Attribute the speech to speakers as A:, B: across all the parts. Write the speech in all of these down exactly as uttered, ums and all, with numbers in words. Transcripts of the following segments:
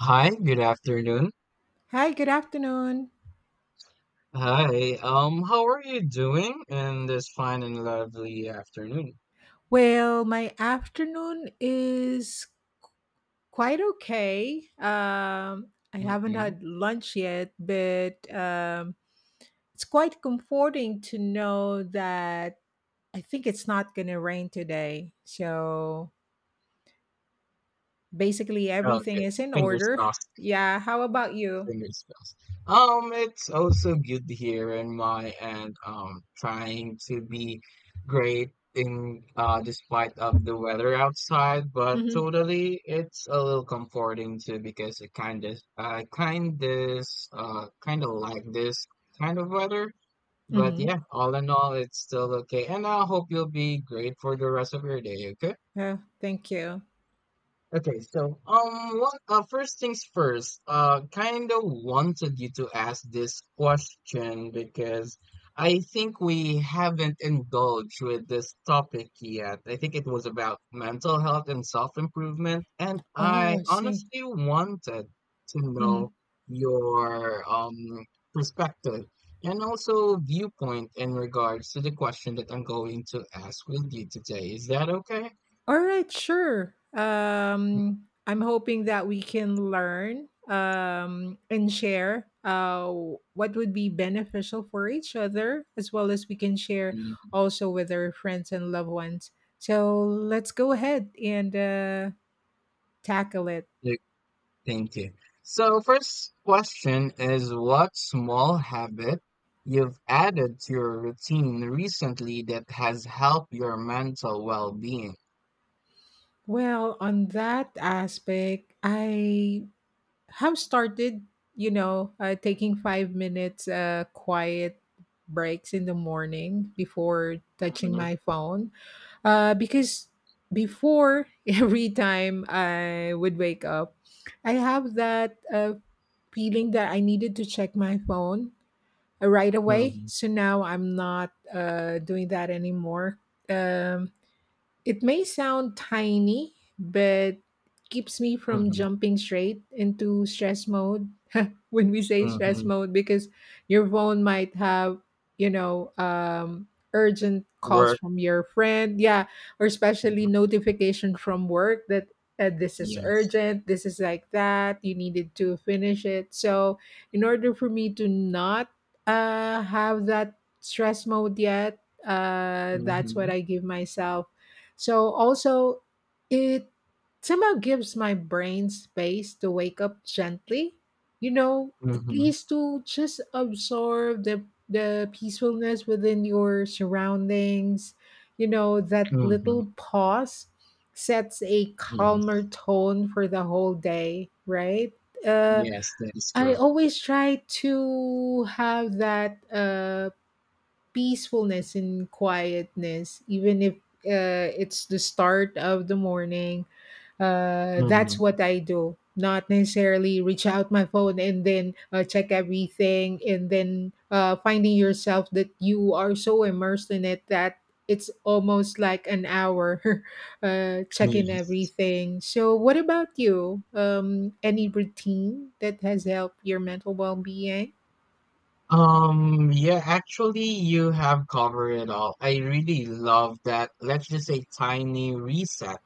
A: Hi, good afternoon.
B: Hi, good afternoon.
A: Hi, um, how are you doing in this fine and lovely afternoon?
B: Well, my afternoon is quite okay. Um, I haven't
A: hmm
B: had lunch yet, but um, it's quite comforting to know that I think it's not going to rain today. So basically, everything
A: Okay,
B: is in
A: fingers
B: order.
A: crossed,
B: Yeah, how about you?
A: fingers crossed. Um, it's also good here in my end, um, trying to be great in uh despite of the weather outside, but
B: Mm-hmm.
A: totally it's a little comforting too because it kind of I kind of uh kind of like this kind of weather. But
B: Mm-hmm.
A: yeah, all in all, it's still okay. And I hope you'll be great for the rest of your day, okay?
B: Yeah, thank you.
A: Okay, so um, what, uh, first things first. Uh, kind of wanted you to ask this question because I think we haven't indulged with this topic yet. I think it was about mental health and self-improvement, and
B: Oh,
A: I
B: I see.
A: honestly wanted to
B: Mm-hmm.
A: know your um perspective and also viewpoint in regards to the question that I'm going to ask with you today. Is that okay?
B: All right, sure. Um, I'm hoping that we can learn um, and share uh, what would be beneficial for each other, as well as we can share
A: Mm,
B: also with our friends and loved ones. So let's go ahead and uh, tackle it.
A: thank you. So, first question is, what small habit you've added to your routine recently that has helped your mental well-being?
B: Well, on that aspect, I have started, you know, uh, taking five minutes uh, quiet breaks in the morning before touching
A: hmm
B: my phone. Uh, because before every time I would wake up, I have that uh, feeling that I needed to check my phone uh, right away.
A: hmm
B: So now I'm not uh, doing that anymore. Um, it may sound tiny, but keeps me from
A: hmm
B: jumping straight into stress mode. When we say stress
A: hmm
B: mode because your phone might have, you know, um, urgent calls
A: Work.
B: from your friend. Yeah. Or especially
A: Mhm,
B: notification from work that uh, this is
A: yes.
B: urgent. This is like that. You needed to finish it. So, in order for me to not uh, have that stress mode yet, uh, that's what
A: hmm
B: I give myself. So, also, it somehow gives my brain space to wake up gently, you know, at
A: hmm
B: least to just absorb the the peacefulness within your surroundings. You know, that
A: hmm
B: little pause sets a calmer
A: Yes.
B: tone for the whole day, right? Uh,
A: Yes, that is
B: I
A: correct.
B: always try to have that uh, peacefulness and quietness, even if uh, it's the start of the morning. Uh, that's
A: hmm
B: what I do. Not necessarily reach out my phone and then uh, check everything, and then uh, finding yourself that you are so immersed in it that it's almost like an hour uh, checking
A: Yes.
B: everything. So, what about you? Um, any routine that has helped your mental well being?
A: Um, yeah, actually, you have covered it all. I really love that. Let's just say tiny reset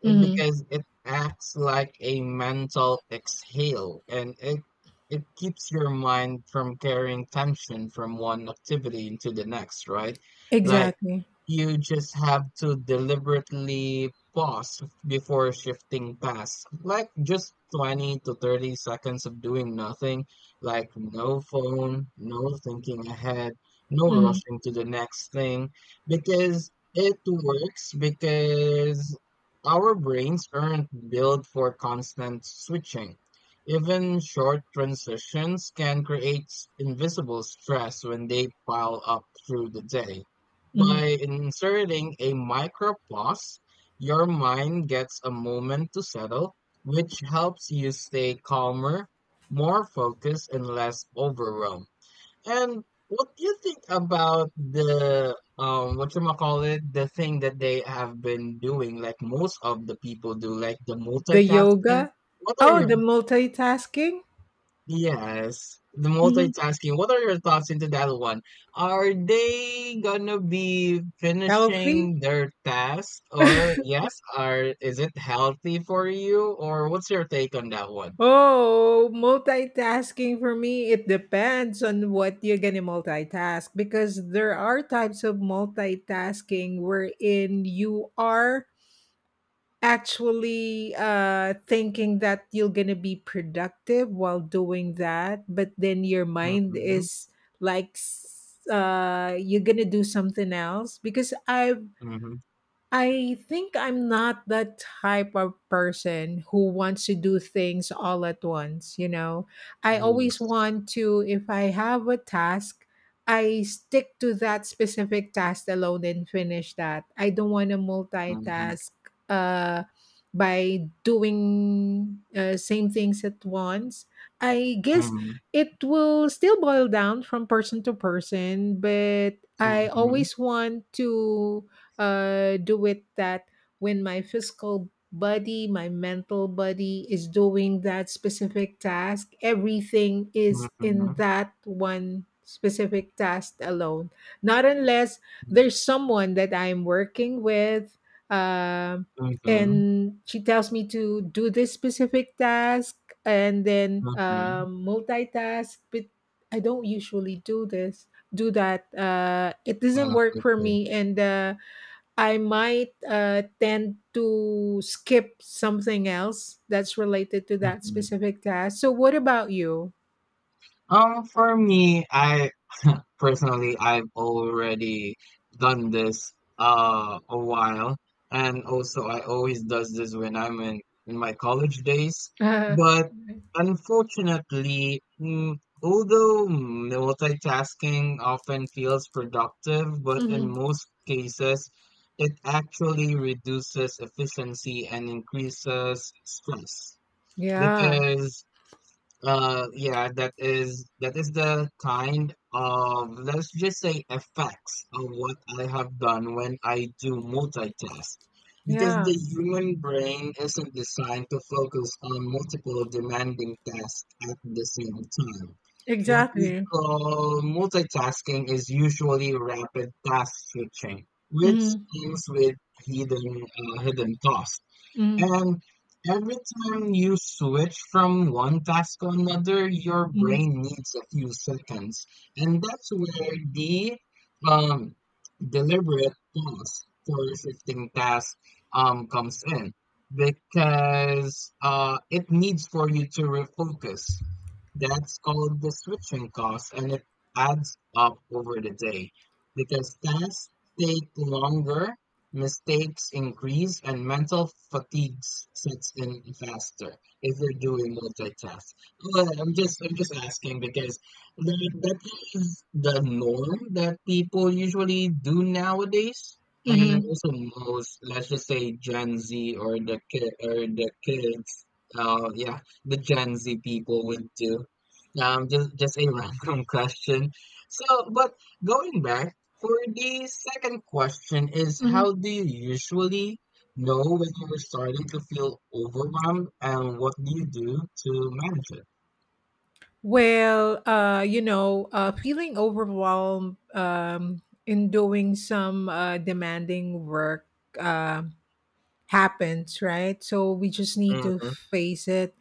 A: it-
B: Mm-hmm.
A: because it acts like a mental exhale and it it keeps your mind from carrying tension from one activity into the next, right? Like
B: Exactly.
A: you just have to deliberately pause before shifting past. Like just twenty to thirty seconds of doing nothing, like no phone, no thinking ahead, no
B: Mm-hmm.
A: rushing to the next thing, because it works because our brains aren't built for constant switching. Even short transitions can create invisible stress when they pile up through the day. By inserting a micropause, your mind gets a moment to settle, which helps you stay calmer, more focused, and less overwhelmed. And what do you think about the um what you call it, the thing that they have been doing, like most of the people do, like the
B: The
A: multitasking?
B: yoga.
A: What are
B: Oh,
A: your—
B: the multitasking.
A: yes, the
B: Mm-hmm.
A: multitasking. What are your thoughts into that one? Are they gonna be
B: Healthy.
A: finishing their task or yes, are is it healthy for you, or what's your take on that one?
B: Oh, multitasking for me, it depends on what you're gonna multitask because there are types of multitasking wherein you are actually uh thinking that you're gonna be productive while doing that, but then your mind
A: Mhm.
B: is like s- uh you're gonna do something else because I've
A: Mhm.
B: I think I'm not the type of person who wants to do things all at once, you know. I always
A: Yes.
B: want to, if I have a task, I stick to that specific task alone and finish that. I don't want to
A: Mhm.
B: multitask uh, by doing uh, same things at once. I guess
A: Mhm.
B: it will still boil down from person to person, but I
A: Mhm.
B: always want to uh, do it that when my physical body, my mental body is doing that specific task, everything is in
A: Mhm.
B: that one specific task alone. Not unless
A: Mhm.
B: there's someone that I'm working with. Um,
A: Mhm.
B: and she tells me to do this specific task and then
A: Mhm.
B: um, multitask but I don't usually do this do that uh, it doesn't
A: Ah,
B: work for
A: okay.
B: me and uh, I might uh, tend to skip something else that's related to that
A: Mhm.
B: specific task. So, what about you?
A: Um, for me, I personally, I've already done this uh a while, and also I always does this when I'm in in my college days.
B: Uh,
A: But unfortunately, mm, although multitasking often feels productive, but in
B: Mhm.
A: most cases, it actually reduces efficiency and increases stress
B: Yeah,
A: because uh, yeah, that is that is the kind of, let's just say, effects of what I have done when I do multitask. Because the
B: yeah,
A: human brain isn't designed to focus on multiple demanding tasks at the same time. What we
B: exactly.
A: call multitasking is usually rapid task switching, which
B: hmm
A: comes with hidden uh, hidden costs,
B: hmm
A: and every time you switch from one task to another, your
B: hmm
A: brain needs a few seconds. And that's where the um, deliberate pause for shifting task um, comes in because uh, it needs for you to refocus. That's called the switching cost, and it adds up over the day because tasks take longer. Mistakes increase and mental fatigue sets in faster if you're doing multitask. Well, I'm just I'm just asking because that that is the norm that people usually do nowadays, and
B: hmm
A: also most, let's just say, Gen Z or the kid or the kids, uh, yeah, the Gen Z people would do. Um, just just a random question. So, but going back, for the second question is, how
B: hmm
A: do you usually know when you're starting to feel overwhelmed, and what do you do to manage it?
B: Well, uh, you know, uh, feeling overwhelmed um, in doing some uh, demanding work. uh. Happens, right? So we just need to
A: Mm-hmm.
B: face it.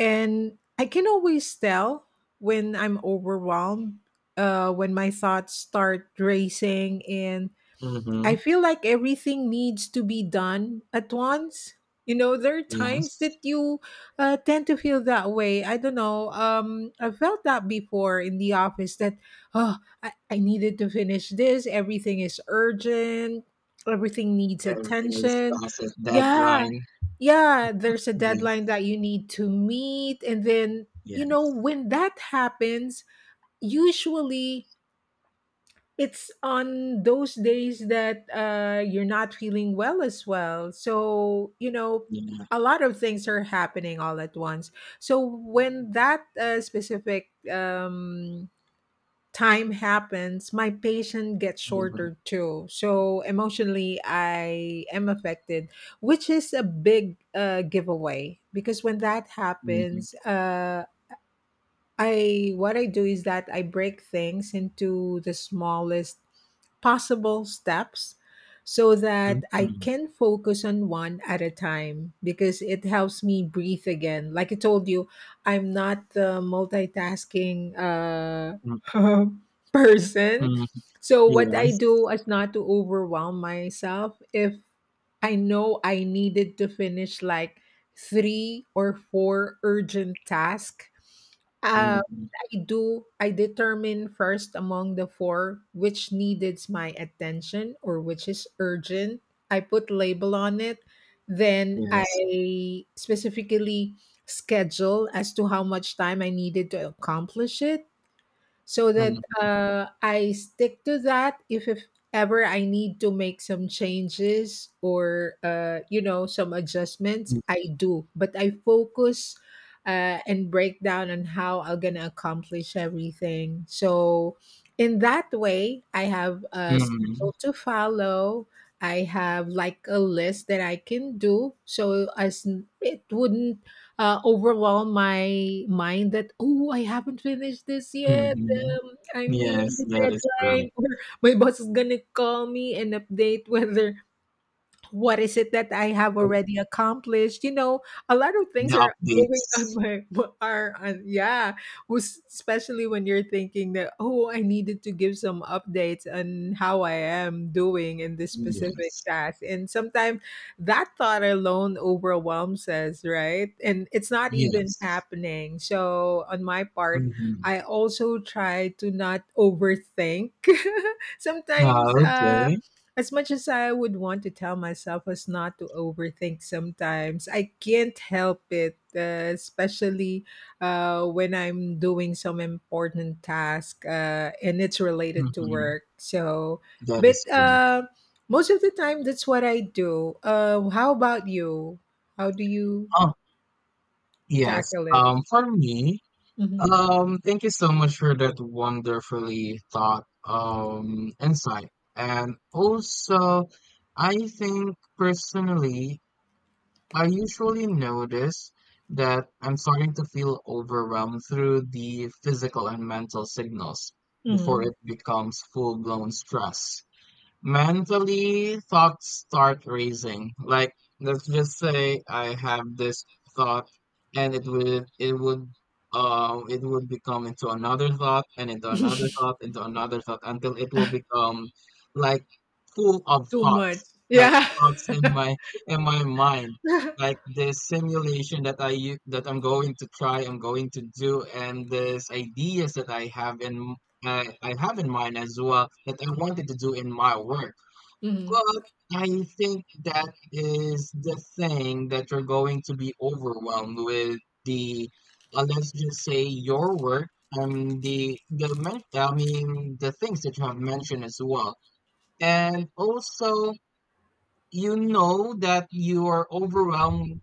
B: And I can always tell when I'm overwhelmed, uh, when my thoughts start racing and
A: Mm-hmm.
B: I feel like everything needs to be done at once. You know, there are times
A: Yes.
B: that you uh, tend to feel that way. I don't know. Um, I felt that before in the office that, oh, I, I needed to finish this. Everything is urgent. Everything needs
A: Everything is
B: attention.
A: past a
B: Yeah.
A: deadline.
B: Yeah. There's a
A: Yeah.
B: deadline that you need to meet. And then,
A: Yeah.
B: you know, when that happens, usually it's on those days that uh, you're not feeling well as well. So, you know,
A: Yeah.
B: a lot of things are happening all at once. So, when that uh, specific um, time happens, my patient gets
A: Mm-hmm.
B: shorter too. So, emotionally, I am affected, which is a big uh, giveaway because when that
A: Mm-hmm.
B: happens, uh, I what I do is that I break things into the smallest possible steps so that I
A: Mm-hmm.
B: can focus on one at a time because it helps me breathe again. Like I told you, I'm not the multitasking uh, person.
A: Mm-hmm.
B: So what I
A: Yes.
B: do is not to overwhelm myself if I know I needed to finish like three or four urgent tasks, uh,
A: Mm-hmm.
B: I do. I determine first among the four which needed my attention or which is urgent. I put label on it. Then
A: Yes.
B: I specifically schedule as to how much time I needed to accomplish it so that
A: Mm-hmm.
B: uh, I stick to that if, if ever I need to make some changes or uh, you know some adjustments, I do. But I focus uh, and break down on how I'm gonna accomplish everything. So in that way, I have a
A: Mm-hmm.
B: schedule to follow. I have like a list that I can do, so as n- it wouldn't uh, overwhelm my mind that oh I haven't finished this yet,
A: Mm-hmm.
B: um, I'm nearing
A: Yes,
B: the
A: that is correct.
B: deadline or my boss is gonna call me and update whether what is it that I have
A: So,
B: already accomplished? You know, a lot of things
A: the
B: are going on
A: updates.
B: my are on yeah. was- Especially when you're thinking that oh, I needed to give some updates on how I am doing in this specific
A: Yes.
B: task, and sometimes that thought alone overwhelms us, right? And it's not even
A: Yes.
B: happening. So on my part,
A: Mhm.
B: I also try to not overthink.
A: Ah,
B: Sometimes. Uh,
A: okay.
B: as much as I would want to tell myself as not to overthink sometimes, I can't help it, uh, especially uh, when I'm doing some important task uh, and it's related to
A: Mhm.
B: work. So,
A: That
B: but
A: is correct.
B: uh, most of the time, that's what I do. Uh, how about you? How do you
A: Oh, yes.
B: tackle it?
A: Um, for me,
B: hmm
A: um, thank you so much for that wonderfully thought, um, insight. And also, I think personally, I usually notice that I'm starting to feel overwhelmed through the physical and mental signals before
B: hmm
A: it becomes full-blown stress. Mentally, thoughts start racing. Like, let's just say I have this thought and it would it would um it would become into another thought and into another thought into another thought until it will become like full of
B: Too much.
A: thoughts, like
B: Yeah.
A: thoughts in my in my mind, like this simulation that I u- that I'm going to try, I'm going to do, and this ideas that I have in I, I have in mind as well that I wanted to do in my work.
B: hmm
A: But I think that is the thing that you're going to be overwhelmed with, the, uh, let's just say, your work and the, the, men- I mean, the things that you have mentioned as well. And also, you know that you are overwhelmed.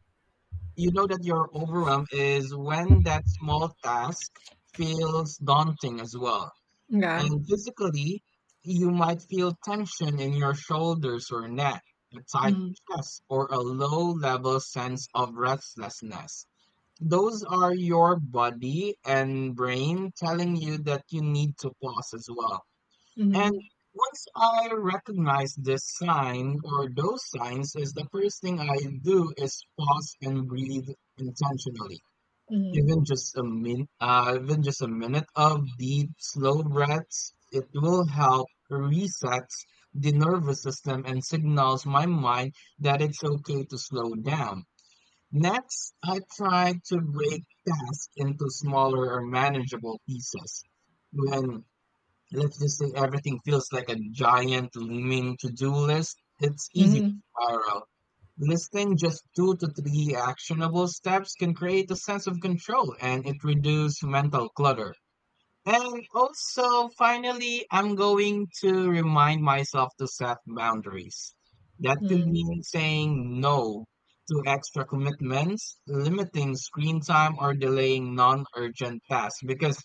A: You know that your overwhelm is when that small task feels daunting as well,
B: Yeah.
A: and physically, you might feel tension in your shoulders or neck, a tight
B: Mm-hmm.
A: chest, or a low level sense of restlessness. Those are your body and brain telling you that you need to pause as well. And
B: Mm-hmm.
A: once I recognize this sign or those signs, is the first thing I do is pause and breathe intentionally.
B: Mm-hmm.
A: Even just a min uh, even just a minute of deep, slow breaths, it will help resets the nervous system and signals my mind that it's okay to slow down. Next, I try to break tasks into smaller or manageable pieces. When, let's just say, everything feels like a giant looming to-do list, it's easy to spiral. Listing just two to three actionable steps can create a sense of control and it reduces mental clutter. And also, finally, I'm going to remind myself to set boundaries. That could
B: Mm-hmm.
A: mean saying no to extra commitments, limiting screen time, or delaying non urgent tasks because,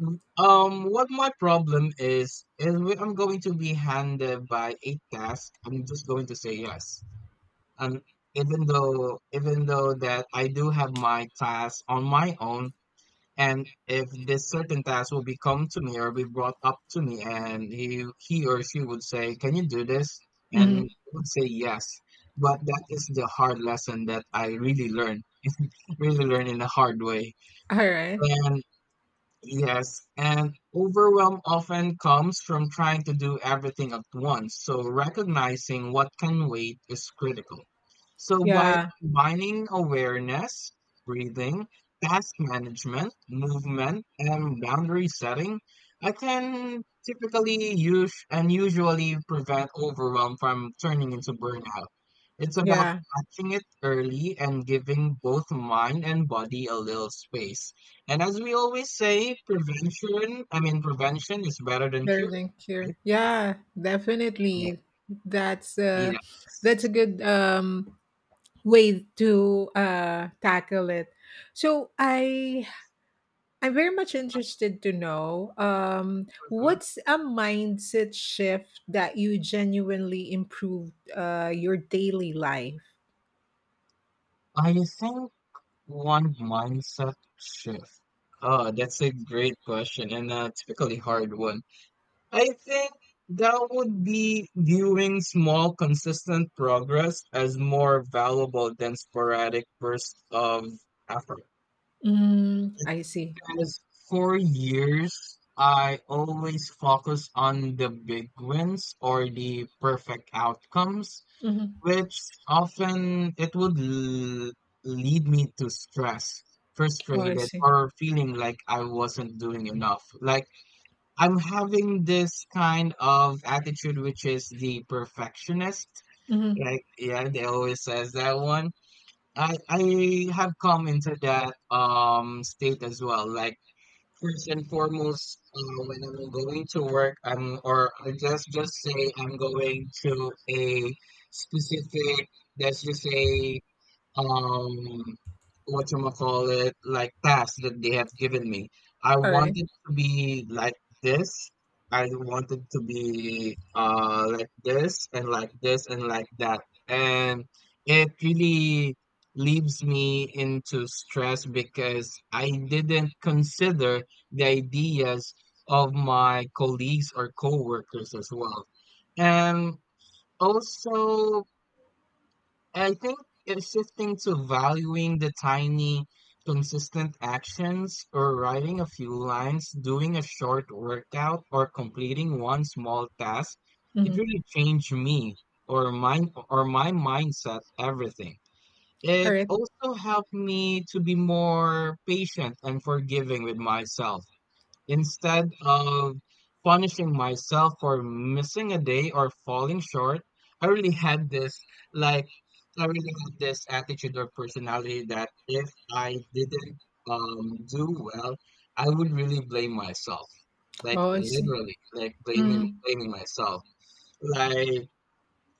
A: Mm, Um, what my problem is, is when I'm going to be handed by a task, I'm just going to say yes. And even though, even though that I do have my task on my own, and if this certain task will be come to me or be brought up to me, and he he or she would say, "Can you do this?" and
B: Mm-hmm.
A: I would say yes. But that is the hard lesson that I really learned, really learned in a hard way.
B: All right.
A: And. Yes, and overwhelm often comes from trying to do everything at once, so recognizing what can wait is critical. So, by
B: Yeah,
A: combining awareness, breathing, task management, movement, and boundary setting, I can typically use and usually prevent overwhelm from turning into burnout. It's about
B: yeah,
A: catching it early and giving both mind and body a little space. And as we always say, prevention, I mean, prevention is better than
B: very
A: cure,
B: linked
A: right?
B: here. Yeah, definitely. That's
A: Yeah.
B: uh that's a
A: Yes.
B: good um way to uh tackle it. So I I'm very much interested to know um
A: Mhm.
B: what's a mindset shift that you genuinely improved uh your daily life?
A: I think one mindset shift. Oh, that's a great question and a typically hard one. I think that would be viewing small, consistent progress as more valuable than sporadic bursts of effort.
B: Mm, I see.
A: Because for years, I always focus on the big wins or the perfect outcomes,
B: Mhm.
A: which often it would l- lead me to stress,
B: Oh, I
A: frustrated,
B: see.
A: or feeling like I wasn't doing enough. Like, I'm having this kind of attitude, which is the perfectionist.
B: Mhm.
A: Like, yeah, they always says that one. I I have come into that um state as well. Like, first and foremost, uh, when I'm going to work, I'm, or I just just say I'm going to a specific. Let's just say, um whatchamacallit, like tasks that they have given me. I
B: Alright.
A: wanted to be like this. I wanted to be uh like this and like this and like that. And it really leaves me into stress because I didn't consider the ideas of my colleagues or coworkers as well. And also, I think it's shifting to valuing the tiny, consistent actions, or writing a few lines, doing a short workout, or completing one small task. It
B: Mhm.
A: really changed me or my, or my mindset, everything. It
B: Alright.
A: also helped me to be more patient and forgiving with myself. Instead of punishing myself for missing a day or falling short, I really had this, like, I really had this attitude or personality that if I didn't um do well, I would really blame myself. Like,
B: Oh, I see.
A: literally, like blaming
B: Mhm.
A: blaming myself. Like,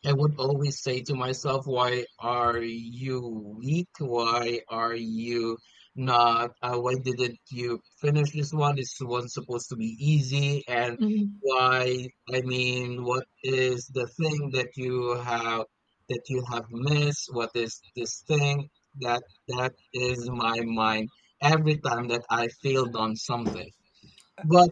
A: I would always say to myself, why are you weak? Why are you not? Uh, why didn't you finish this one? This one's supposed to be easy. And
B: Mhm.
A: why, I mean, what is the thing that you have, that you have missed? What is this thing that, that is my mind every time that I failed on something? But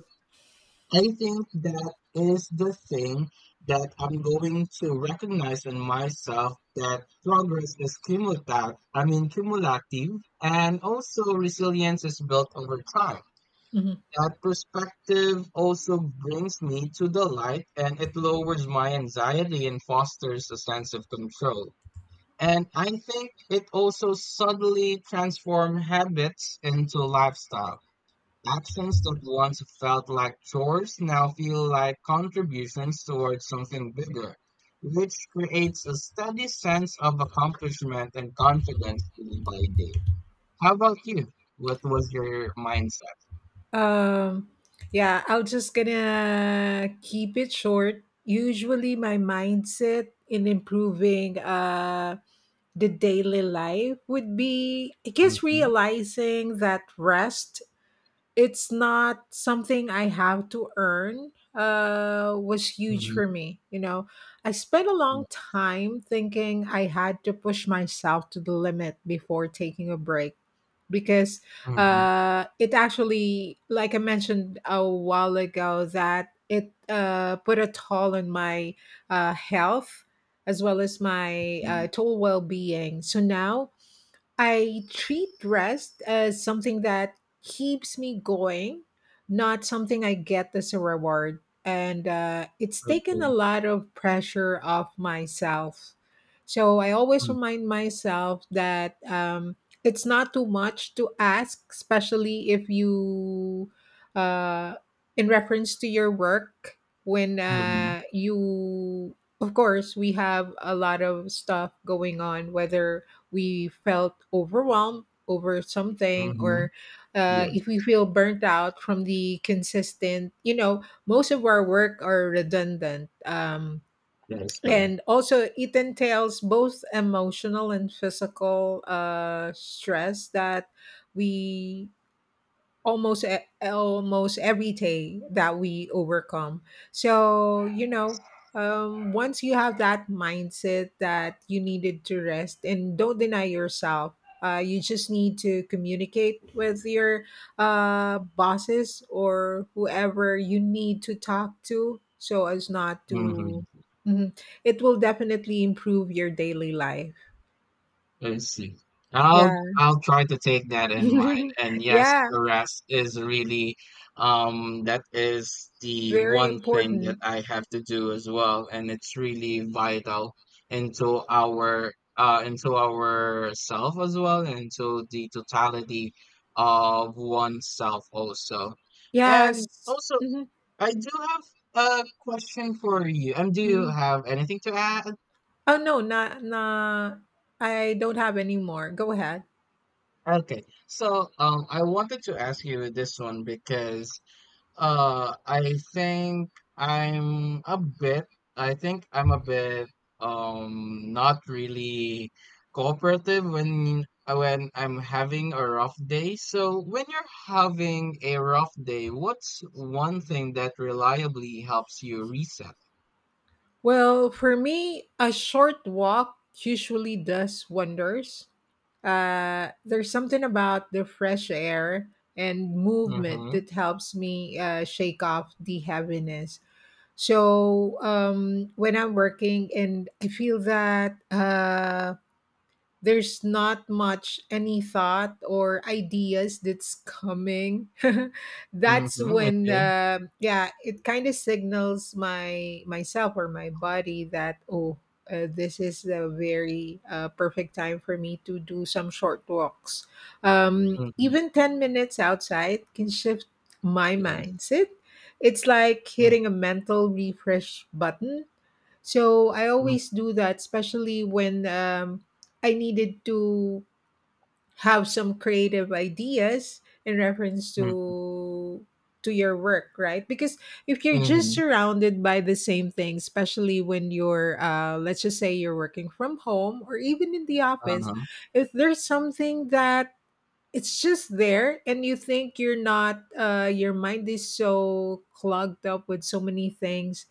A: I think that is the thing that I'm going to recognize in myself, that progress is cumulative, I mean cumulative, and also resilience is built over time.
B: Mhm.
A: That perspective also brings me to the light and it lowers my anxiety and fosters a sense of control. And I think it also subtly transforms habits into lifestyle. Actions that once felt like chores now feel like contributions towards something bigger, which creates a steady sense of accomplishment and confidence day by day. How about you? What was your mindset?
B: Um, yeah, I'll just gonna keep it short. Usually, my mindset in improving uh, the daily life would be, I guess,
A: Mm-hmm.
B: realizing that rest it's not something I have to earn uh was huge for
A: Mm-hmm.
B: me, you know, I spent a long
A: Yes.
B: time thinking I had to push myself to the limit before taking a break because
A: Mm-hmm.
B: uh it actually like I mentioned a while ago that it uh put a toll on my uh health as well as my
A: Mm-hmm.
B: uh, total well-being. So now I treat rest as something that keeps me going, not something I get as a reward. And uh, it's taken a
A: Okay.
B: lot of pressure off myself. So I always remind myself that um, it's not too much to ask, especially if you, uh, in reference to your work, when
A: Mm-hmm.
B: uh, you, of course, we have a lot of stuff going on, whether we felt overwhelmed over something
A: Mm-hmm.
B: or uh, if we
A: Yes,
B: feel burnt out from the consistent, you know, most of our work are redundant, um,
A: that is correct.
B: and also it entails both emotional and physical uh, stress that we almost e- almost every day that we overcome. So you know, um, once you have that mindset that you needed to rest and don't deny yourself, uh, you just need to communicate with your uh, bosses or whoever you need to talk to so as not to
A: Mm-hmm.
B: Mhm. it will definitely improve your daily life.
A: I see.
B: Yeah.
A: I'll I'll try to take that in mind. And yes,
B: Yeah,
A: the rest is really um that is the
B: very
A: one thing that
B: important.
A: I have to do as well. And it's really vital into our uh into ourself as well and into the totality of oneself also. And
B: Yes.
A: also
B: Mhm.
A: I do have a question for you. And do you
B: Mhm.
A: have anything to add?
B: Oh no, not nah. I don't have any more. Go ahead.
A: Okay, so um, I wanted to ask you this one because uh, I think I'm a bit, I think I'm a bit um not really cooperative when uh, when I'm having a rough day. So when you're having a rough day, what's one thing that reliably helps you reset?
B: Well, for me, a short walk usually does wonders. Uh, there's something about the fresh air and movement
A: Mm-hmm.
B: that helps me uh, shake off the heaviness. So um, when I'm working and I feel that. Uh, there's not much any thought or ideas that's coming that's
A: Mm-hmm.
B: when
A: Okay.
B: uh, yeah it kind of signals my myself or my body that oh uh, this is a very uh, perfect time for me to do some short walks. Um,
A: Mm-hmm.
B: even ten minutes outside can shift my
A: Yes.
B: mindset. It's like
A: Mm-hmm.
B: hitting a mental refresh button. So I always do that, especially when um, I needed to have some creative ideas in reference
A: Mm-hmm.
B: to to your work, right? Because if you're just
A: Mm-hmm,
B: surrounded by the same thing, especially when you're, uh, let's just say you're working from home or even in the office,
A: uh-huh.
B: if there's something that it's just there and you think you're not uh, your mind is so clogged up with so many things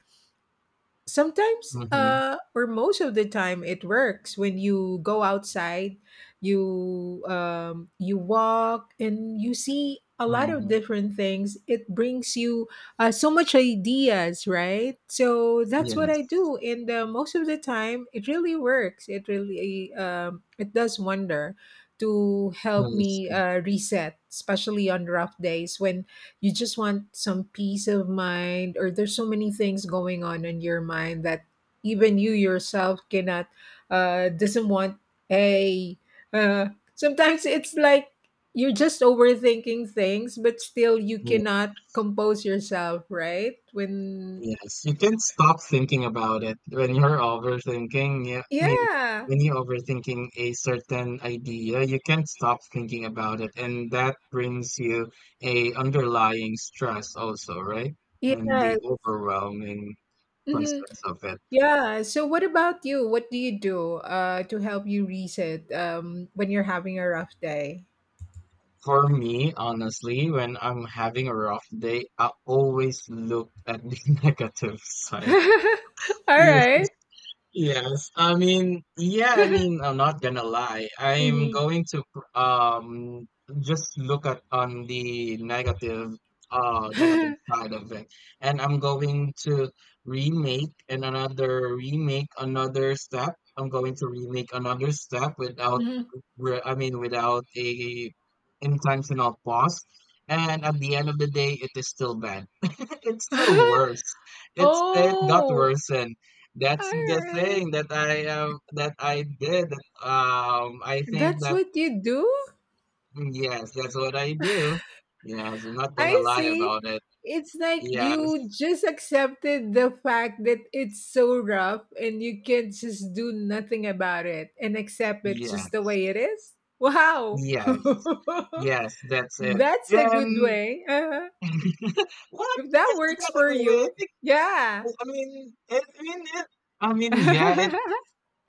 B: sometimes
A: Mm-hmm.
B: uh or most of the time it works when you go outside, you um you walk and you see a lot of
A: Um,
B: different things, it brings you uh, so much ideas, right? So that's what I
A: yes.
B: do, and uh, most of the time it really works, it really, um, it does wonder to
A: I
B: help me
A: see.
B: uh, reset, especially on rough days when you just want some peace of mind or there's so many things going on in your mind that even you yourself cannot uh doesn't want a uh sometimes it's like you're just overthinking things but still you
A: Ye-
B: cannot compose yourself, right? When
A: Yes. You can stop thinking about it when you're overthinking. Yeah. I mean,
B: yeah
A: when you're overthinking a certain idea, you can't stop thinking about it, and that brings you a underlying stress also, right? And
B: yeah
A: the overwhelming
B: hmm
A: presence of it.
B: yeah, so what about you? What do you do uh to help you reset um when you're having a rough day?
A: For me, honestly, when I'm having a rough day, I always look at the negative side.
B: All right.
A: Yes, I mean, yeah, I mean, I'm not gonna lie. I'm
B: Mhm.
A: going to pr- um just look at on the negative uh negative side of it, and I'm going to remake and another remake another step. I'm going to remake another step without
B: Mhm.
A: re- I mean, without a intentional pause. And at the end of the day, it is still bad. It's still worse. It's it got
B: Oh,
A: worse, and that's the
B: alright.
A: thing that I um, that I did. Um, I think
B: That's
A: that
B: what you do?
A: yes, that's what I do. Yes, I'm not gonna
B: I
A: lie
B: see.
A: about it.
B: It's like you
A: Yes,
B: just accepted the fact that it's so rough and you can just do nothing about it and accept it
A: yeah,
B: just the way it is. Wow.
A: yes, yes, that's it.
B: That's a good
A: And
B: way. Uh-huh.
A: what
B: If that
A: is
B: works
A: what?
B: for you,
A: Well,
B: yeah.
A: I mean, I mean, it, I mean, yeah, it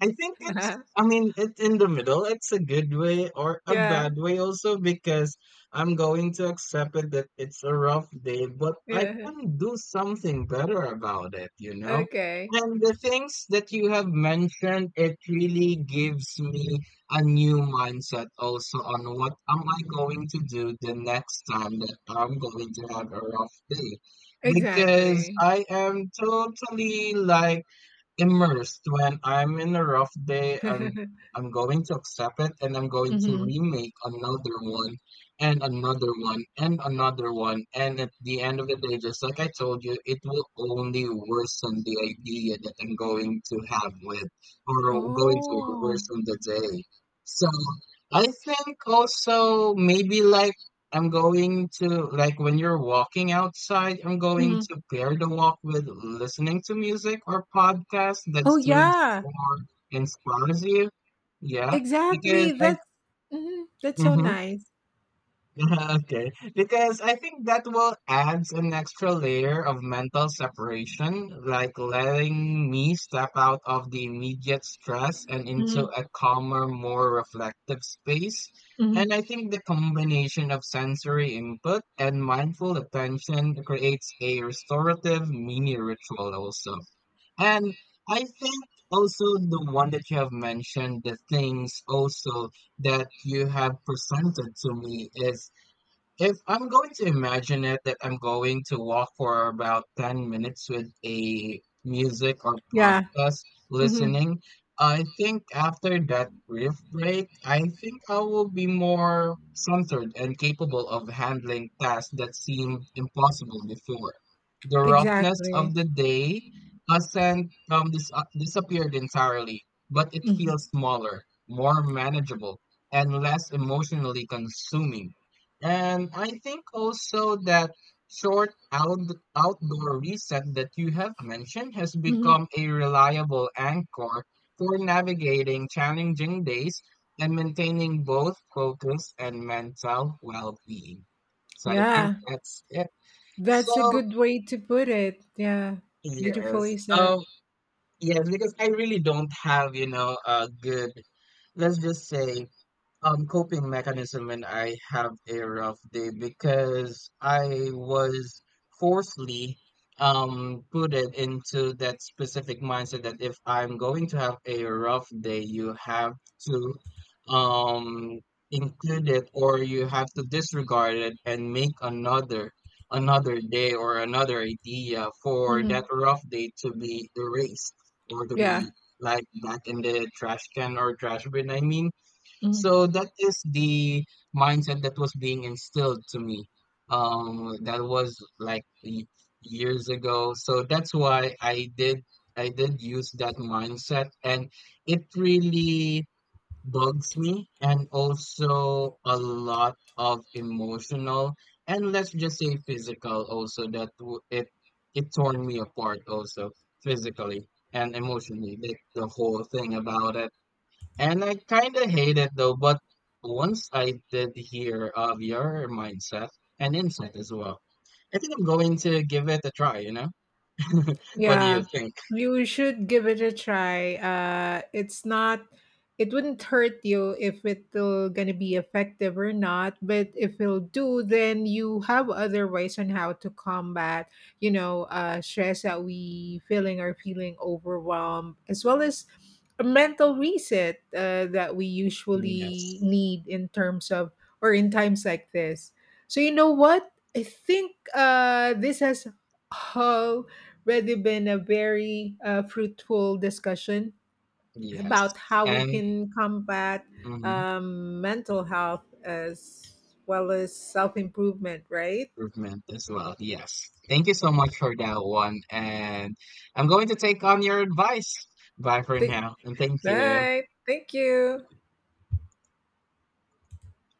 A: I think it's, I mean, it's in the middle. It's a good way or a
B: Yeah.
A: bad way also because I'm going to accept it that it's a rough day, but I
B: Yeah.
A: can do something better about it, you know?
B: Okay.
A: And the things that you have mentioned, it really gives me a new mindset also on what am I going to do the next time that I'm going to have a rough day. Because
B: Exactly.
A: I am totally like, immersed when I'm in a rough day. I'm I'm going to accept it and I'm going to
B: Mhm.
A: remake another one and another one and another one. And at the end of the day, just like I told you, it will only worsen the idea that I'm going to have with or going to
B: Oh.
A: worsen the day. So I think also maybe like I'm going to like when you're walking outside, I'm going
B: Mhm.
A: to pair the walk with listening to music or podcast that
B: Oh,
A: soothes
B: yeah.
A: or inspires you. Yeah, because
B: Exactly.
A: I
B: That's mhm, that's so
A: mhm.
B: nice.
A: Okay, because I think that will adds an extra layer of mental separation, like letting me step out of the immediate stress and into
B: Mhm.
A: a calmer, more reflective space. And
B: Mhm.
A: I think the combination of sensory input and mindful attention creates a restorative mini ritual also. And I think also the one that you have mentioned, the things also that you have presented to me is if I'm going to imagine it that I'm going to walk for about ten minutes with a music or
B: Yeah.
A: podcast
B: Mhm.
A: listening, I think after that brief break, I think I will be more centered and capable of handling tasks that seemed impossible before. The roughness of
B: Exactly.
A: the day hasn't um, dis- uh, disappeared entirely, but it
B: Mhm.
A: feels smaller, more manageable, and less emotionally consuming. And I think also that short out, outdoor reset that you have mentioned has become
B: Mhm.
A: a reliable anchor for navigating challenging days and maintaining both focus and mental well-being. So I think
B: Yeah.
A: that's it.
B: That's a
A: So
B: good way to put it. Yeah.
A: yes,
B: Beautifully said.
A: um, yes, because I really don't have, you know, a good, let's just say um coping mechanism when I have a rough day because I was forcefully um put it into that specific mindset that if I'm going to have a rough day, you have to um include it or you have to disregard it and make another another day or another idea for that
B: Mhm.
A: rough day to be erased or to
B: Yeah.
A: be like back in the trash can or trash bin, I mean
B: Mhm.
A: so that is the mindset that was being instilled to me. Um, that was like y- years ago. So that's why I did I did use that mindset, and it really bugs me, and also a lot of emotional and let's just say physical also that w- it it torn me apart also physically and emotionally, like the whole thing about it. And I kind of hate it though, but once I did hear of your mindset and insight as well, I think I'm going to give it a try, you know? What do you
B: Yeah,
A: think?
B: you should give it a try. Uh, it's not, it wouldn't hurt you if it'll gonna be effective or not. But if it'll do, then you have other ways on how to combat, you know, uh, stress that we feeling or feeling overwhelmed, as well as a mental reset uh, that we
A: Mm,
B: usually
A: yes,
B: need in terms of or in times like this. So you know what? I think uh, this has really been a very uh, fruitful discussion
A: yes.
B: about how we
A: And
B: can combat
A: mhm,
B: um, mental health as well as self improvement, right?
A: improvement as well. Yes. Thank you so much for that one. And I'm going to take on your advice. Bye for
B: Th-
A: now. And thank you.
B: right. Thank you.